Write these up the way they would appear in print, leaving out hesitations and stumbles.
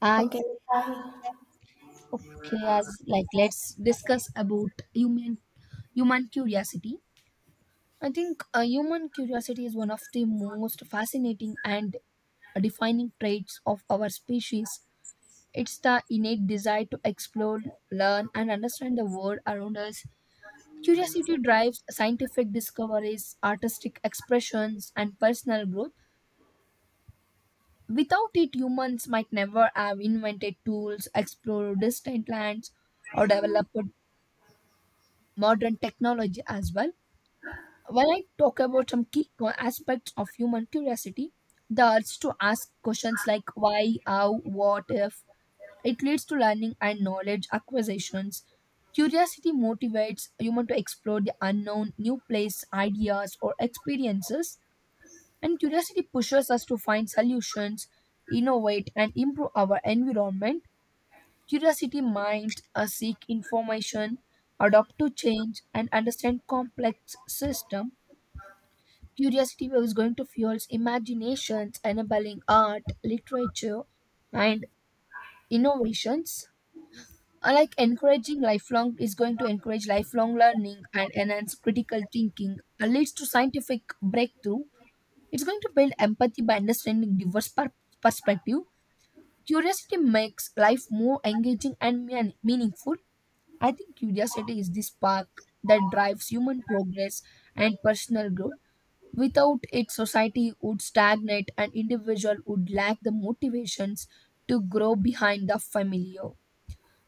I Okay. Hi. okay, as like let's discuss about human curiosity. I think human curiosity is one of the most fascinating and defining traits of our species. It's the innate desire to explore, learn, and understand the world around us. Curiosity drives scientific discoveries, artistic expressions, and personal growth. Without it, humans might never have invented tools, explored distant lands, or developed modern technology as well. When I talk about some key aspects of human curiosity, the urge to ask questions like why, how, what if, it leads to learning and knowledge acquisitions. Curiosity motivates human to explore the unknown, new place, ideas, or experiences, and curiosity pushes us to find solutions, innovate, and improve our environment. Curiosity might seek information, adapt to change, and understand complex system. Curiosity is going to fuel imaginations, enabling art, literature, and innovations. Like encouraging lifelong is going to encourage lifelong learning and enhance critical thinking. Leads to scientific breakthrough. It's going to build empathy by understanding diverse perspective. Curiosity makes life more engaging and meaningful. I think curiosity is the spark that drives human progress and personal growth. Without it, society would stagnate and individual would lack the motivations to grow behind the familiar.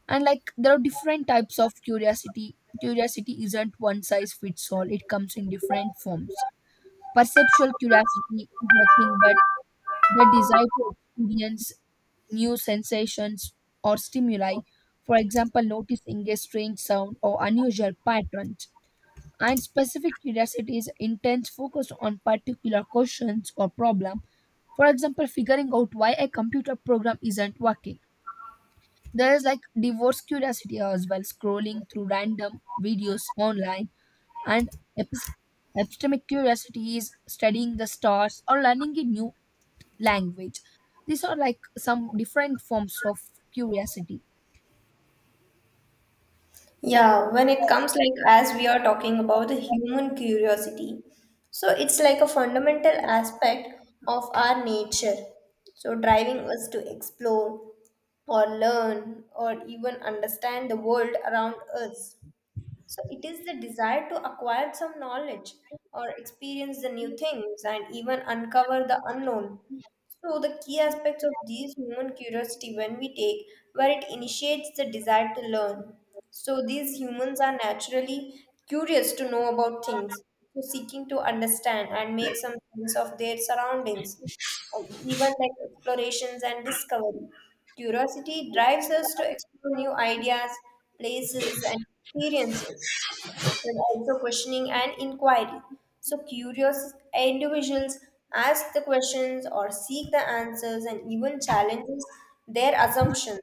And like there are different types of curiosity. Curiosity isn't one size fits all. It comes in different forms. Perceptual curiosity is nothing but the desire to experience new sensations or stimuli, for example, noticing a strange sound or unusual patterns. And specific curiosity is intense focus on particular questions or problem. For example, figuring out why a computer program isn't working. There is like divorce curiosity as well, scrolling through random videos online and epistemology. Epistemic curiosity is studying the stars or learning a new language. These are like some different forms of curiosity. Yeah, when it comes like as we are talking about the human curiosity, so it's like a fundamental aspect of our nature. So driving us to explore or learn or even understand the world around us. So it is the desire to acquire some knowledge or experience the new things and even uncover the unknown. So, the key aspects of these human curiosity, when we take, where it initiates the desire to learn. So, these humans are naturally curious to know about things, so seeking to understand and make some sense of their surroundings, and even like explorations and discovery. Curiosity drives us to explore new ideas, places, and experiences, but also questioning and inquiry. So, curious individuals ask the questions or seek the answers and even challenges their assumptions,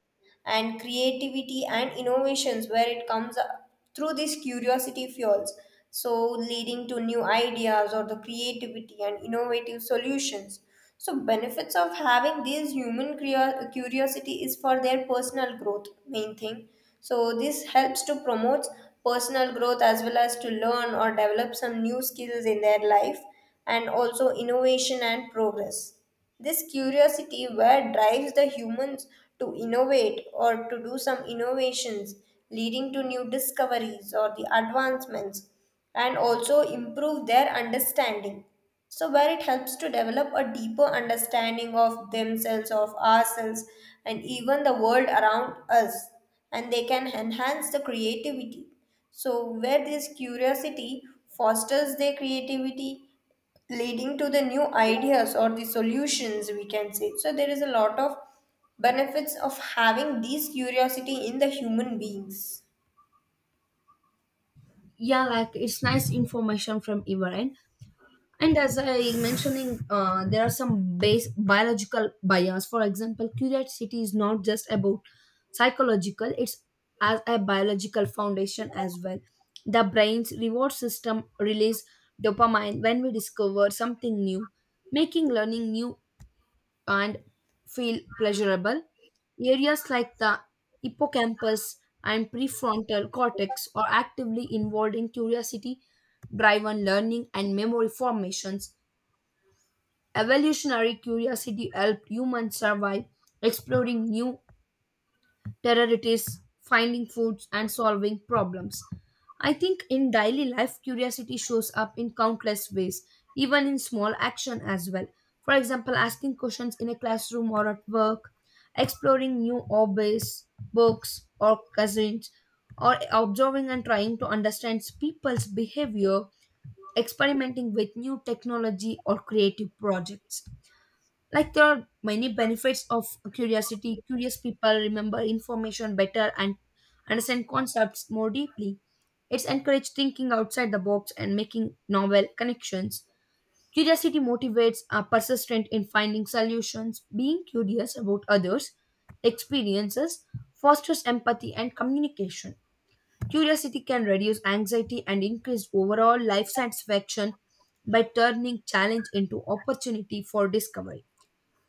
and creativity and innovations, where it comes up through these curiosity fuels, so leading to new ideas or the creativity and innovative solutions. So benefits of having these human curiosity is for their personal growth, main thing. So this helps to promote personal growth, as well as to learn or develop some new skills in their life, and also innovation and progress. This curiosity where drives the humans to innovate or to do some innovations, leading to new discoveries or the advancements, and also improve their understanding, so where it helps to develop a deeper understanding of themselves, of ourselves, and even the world around us. And they can enhance the creativity, so where this curiosity fosters their creativity, leading to the new ideas or the solutions, we can say. So there is a lot of benefits of having these curiosity in the human beings. Yeah, like it's nice information from Iran. And as I mentioning there are some base biological bias, for example, curiosity is not just about psychological, it's as a biological foundation as well. The brain's reward system release dopamine when we discover something new, making learning new and feel pleasurable. Areas like the hippocampus and prefrontal cortex are actively involved in curiosity driven learning and memory formations. Evolutionary curiosity helped humans survive exploring new terrorities, finding foods, and solving problems. I think in daily life, curiosity shows up in countless ways, even in small action as well. For example, asking questions in a classroom or at work, exploring new hobbies, books, or cousins, or observing and trying to understand people's behavior, experimenting with new technology or creative projects. Like there are many benefits of curiosity. Curious people remember information better and understand concepts more deeply. It's encouraged thinking outside the box and making novel connections. Curiosity motivates are persistent in finding solutions. Being curious about others experiences fosters empathy and communication. Curiosity can reduce anxiety and increase overall life satisfaction by turning challenge into opportunity for discovery.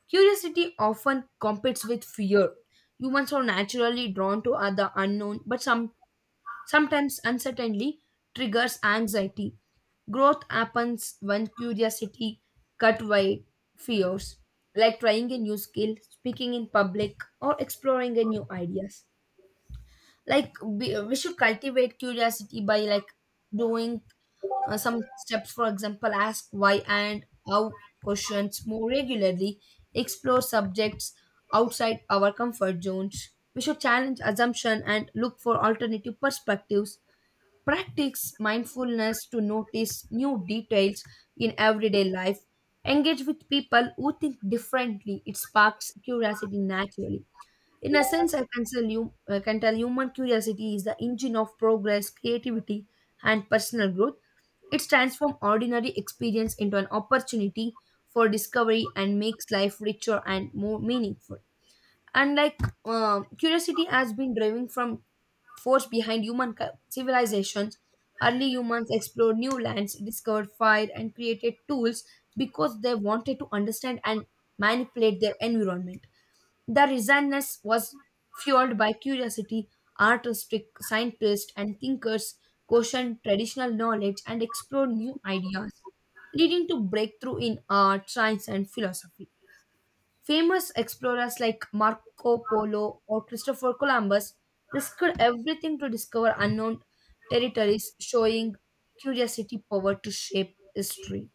Curiosity often competes with fear. Humans are naturally drawn to the unknown, but sometimes uncertainty triggers anxiety. Growth happens when curiosity cut by fears, like trying a new skill, speaking in public, or exploring a new ideas. Like we should cultivate curiosity by like doing some steps, for example, ask why and how questions more regularly, explore subjects outside our comfort zones. We should challenge assumption and look for alternative perspectives. Practice mindfulness to notice new details in everyday life. Engage with people who think differently. It sparks curiosity naturally. In a sense, I can tell human curiosity is the engine of progress, creativity, and personal growth. It transforms ordinary experience into an opportunity for discovery and makes life richer and more meaningful. And like curiosity has been driving from force behind human civilizations. Early humans explored new lands, discovered fire, and created tools because they wanted to understand and manipulate their environment. The resonance was fueled by curiosity, artistic scientists and thinkers questioned traditional knowledge and explored new ideas, leading to breakthrough in art, science, and philosophy. Famous explorers like Marco Polo or Christopher Columbus risked everything to discover unknown territories, showing curiosity power to shape history.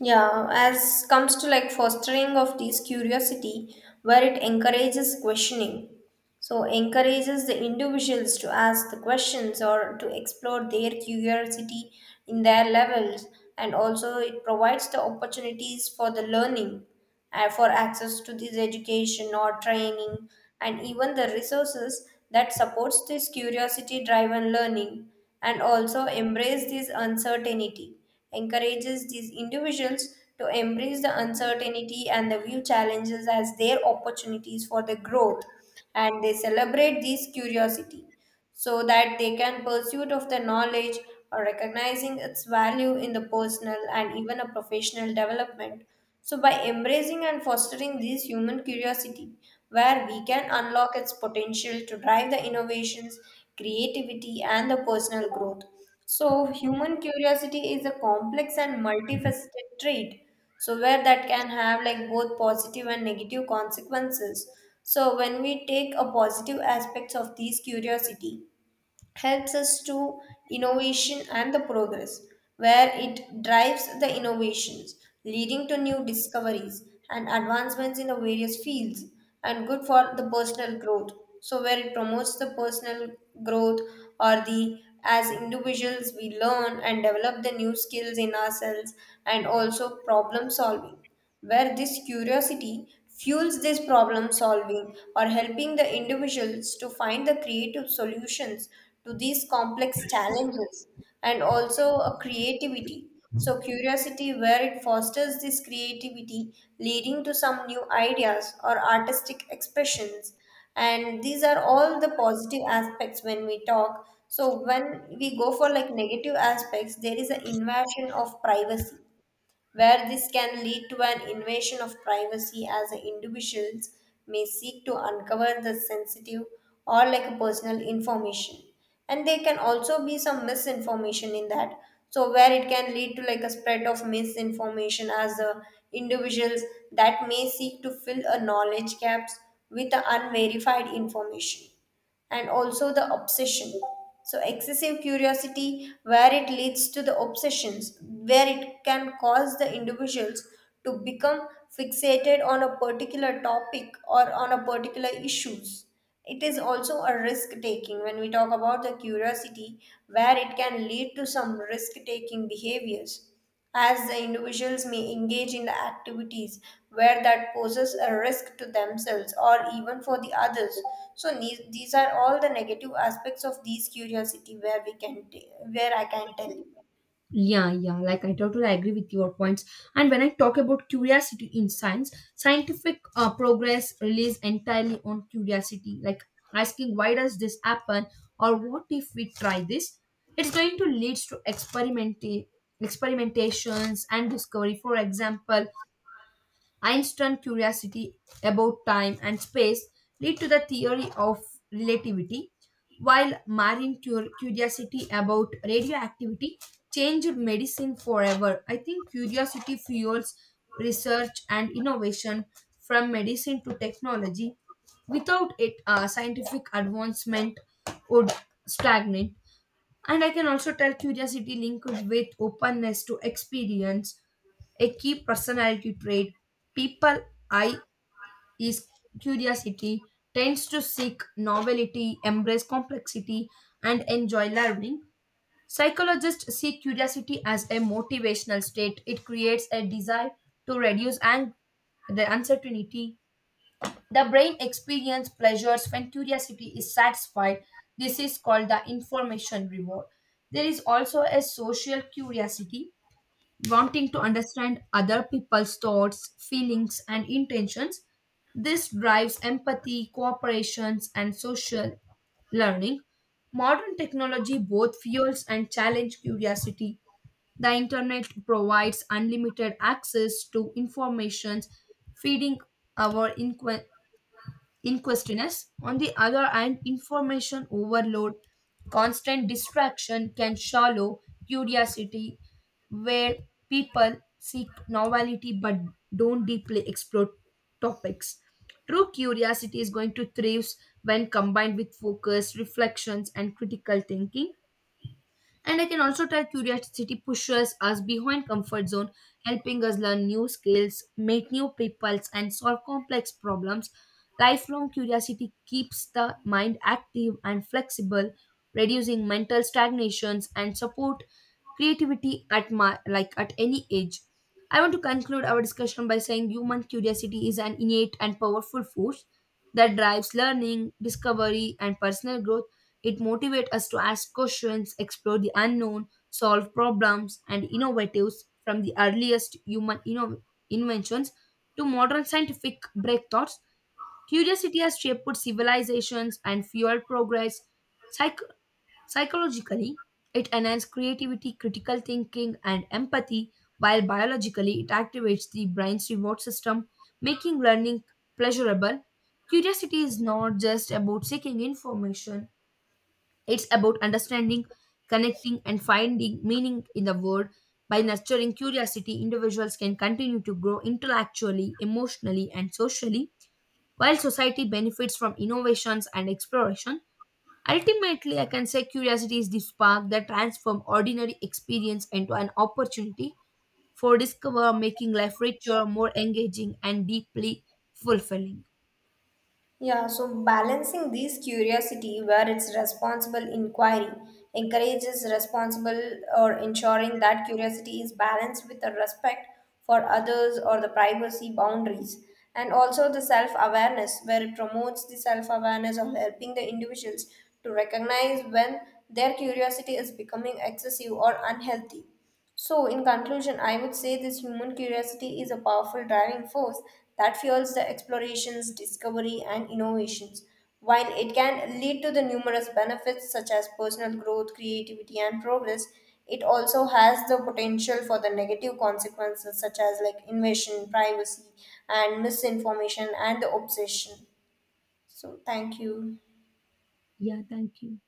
Yeah, as comes to like fostering of this curiosity, where it encourages questioning. So encourages the individuals to ask the questions or to explore their curiosity in their levels. And also it provides the opportunities for the learning and for access to this education or training, and even the resources that supports this curiosity driven learning. And also embrace this uncertainty, encourages these individuals to embrace the uncertainty and the view challenges as their opportunities for the growth. And they celebrate this curiosity so that they can pursuit of the knowledge, or recognizing its value in the personal and even a professional development. So, by embracing and fostering this human curiosity, where we can unlock its potential to drive the innovations, creativity, and the personal growth. So, human curiosity is a complex and multifaceted trait. So, where that can have like both positive and negative consequences. So, when we take a positive aspects of these curiosity, helps us to innovation and the progress, where it drives the innovations, leading to new discoveries and advancements in the various fields, and good for the personal growth, so where it promotes the personal growth, or the as individuals we learn and develop the new skills in ourselves. And also problem solving, where this curiosity fuels this problem solving, or helping the individuals to find the creative solutions to these complex challenges. And also a creativity, so curiosity where it fosters this creativity, leading to some new ideas or artistic expressions. And these are all the positive aspects when we talk. So when we go for like negative aspects, there is an invasion of privacy, where this can lead to an invasion of privacy as the individuals may seek to uncover the sensitive or like personal information. And there can also be some misinformation in that, so where it can lead to like a spread of misinformation as the individuals that may seek to fill a knowledge gaps with the unverified information. And also the obsession, so excessive curiosity where it leads to the obsessions, where it can cause the individuals to become fixated on a particular topic or on a particular issues. It is also a risk taking when we talk about the curiosity, where it can lead to some risk taking behaviors as the individuals may engage in the activities where that poses a risk to themselves or even for the others. So these are all the negative aspects of these curiosity, where we where I can tell you. Yeah, like I totally agree with your points. And when I talk about curiosity in science, scientific progress relies entirely on curiosity, like asking why does this happen or what if we try this? It's going to lead to experimentations and discovery. For example, Einstein's curiosity about time and space led to the theory of relativity, while Marin curiosity about radioactivity changed medicine forever. I think curiosity fuels research and innovation from medicine to technology. Without it, scientific advancement would stagnate. And I can also tell curiosity linked with openness to experience, a key personality trait. People I is curiosity, tends to seek novelty, embrace complexity, and enjoy learning. Psychologists see curiosity as a motivational state. It creates a desire to reduce the uncertainty. The brain experiences pleasures when curiosity is satisfied. This is called the information reward. There is also a social curiosity, wanting to understand other people's thoughts, feelings, and intentions. This drives empathy, cooperations, and social learning. Modern technology both fuels and challenges curiosity. The internet provides unlimited access to information, feeding our in questioners. On the other hand, information overload, constant distraction can shallow curiosity, where people seek novelty but don't deeply explore topics. True curiosity is going to thrive when combined with focus, reflections, and critical thinking. And I can also tell curiosity pushes us behind comfort zone, helping us learn new skills, meet new people, and solve complex problems. Lifelong curiosity keeps the mind active and flexible, reducing mental stagnations and support creativity at my like at any age. I want to conclude our discussion by saying human curiosity is an innate and powerful force that drives learning, discovery, and personal growth. It motivates us to ask questions, explore the unknown, solve problems, and innovatives from the earliest human inventions to modern scientific breakthroughs. Curiosity has shaped civilizations and fueled progress. Psych- Psychologically, it enhances creativity, critical thinking, and empathy, while biologically, it activates the brain's reward system, making learning pleasurable. Curiosity is not just about seeking information, it's about understanding, connecting, and finding meaning in the world. By nurturing curiosity, individuals can continue to grow intellectually, emotionally, and socially, while society benefits from innovations and exploration. Ultimately, I can say curiosity is the spark that transforms ordinary experience into an opportunity for discover, making life richer, more engaging, and deeply fulfilling. Yeah, so balancing these curiosity, where it's responsible inquiry, encourages responsible or ensuring that curiosity is balanced with the respect for others or the privacy boundaries. And also the self awareness, where it promotes the self awareness of helping the individuals to recognize when their curiosity is becoming excessive or unhealthy. So, in conclusion, I would say this human curiosity is a powerful driving force that fuels the explorations, discovery, and innovations. While it can lead to the numerous benefits such as personal growth, creativity, and progress, it also has the potential for the negative consequences such as like invasion, privacy, and misinformation and the obsession. So, thank you. Yeah, thank you.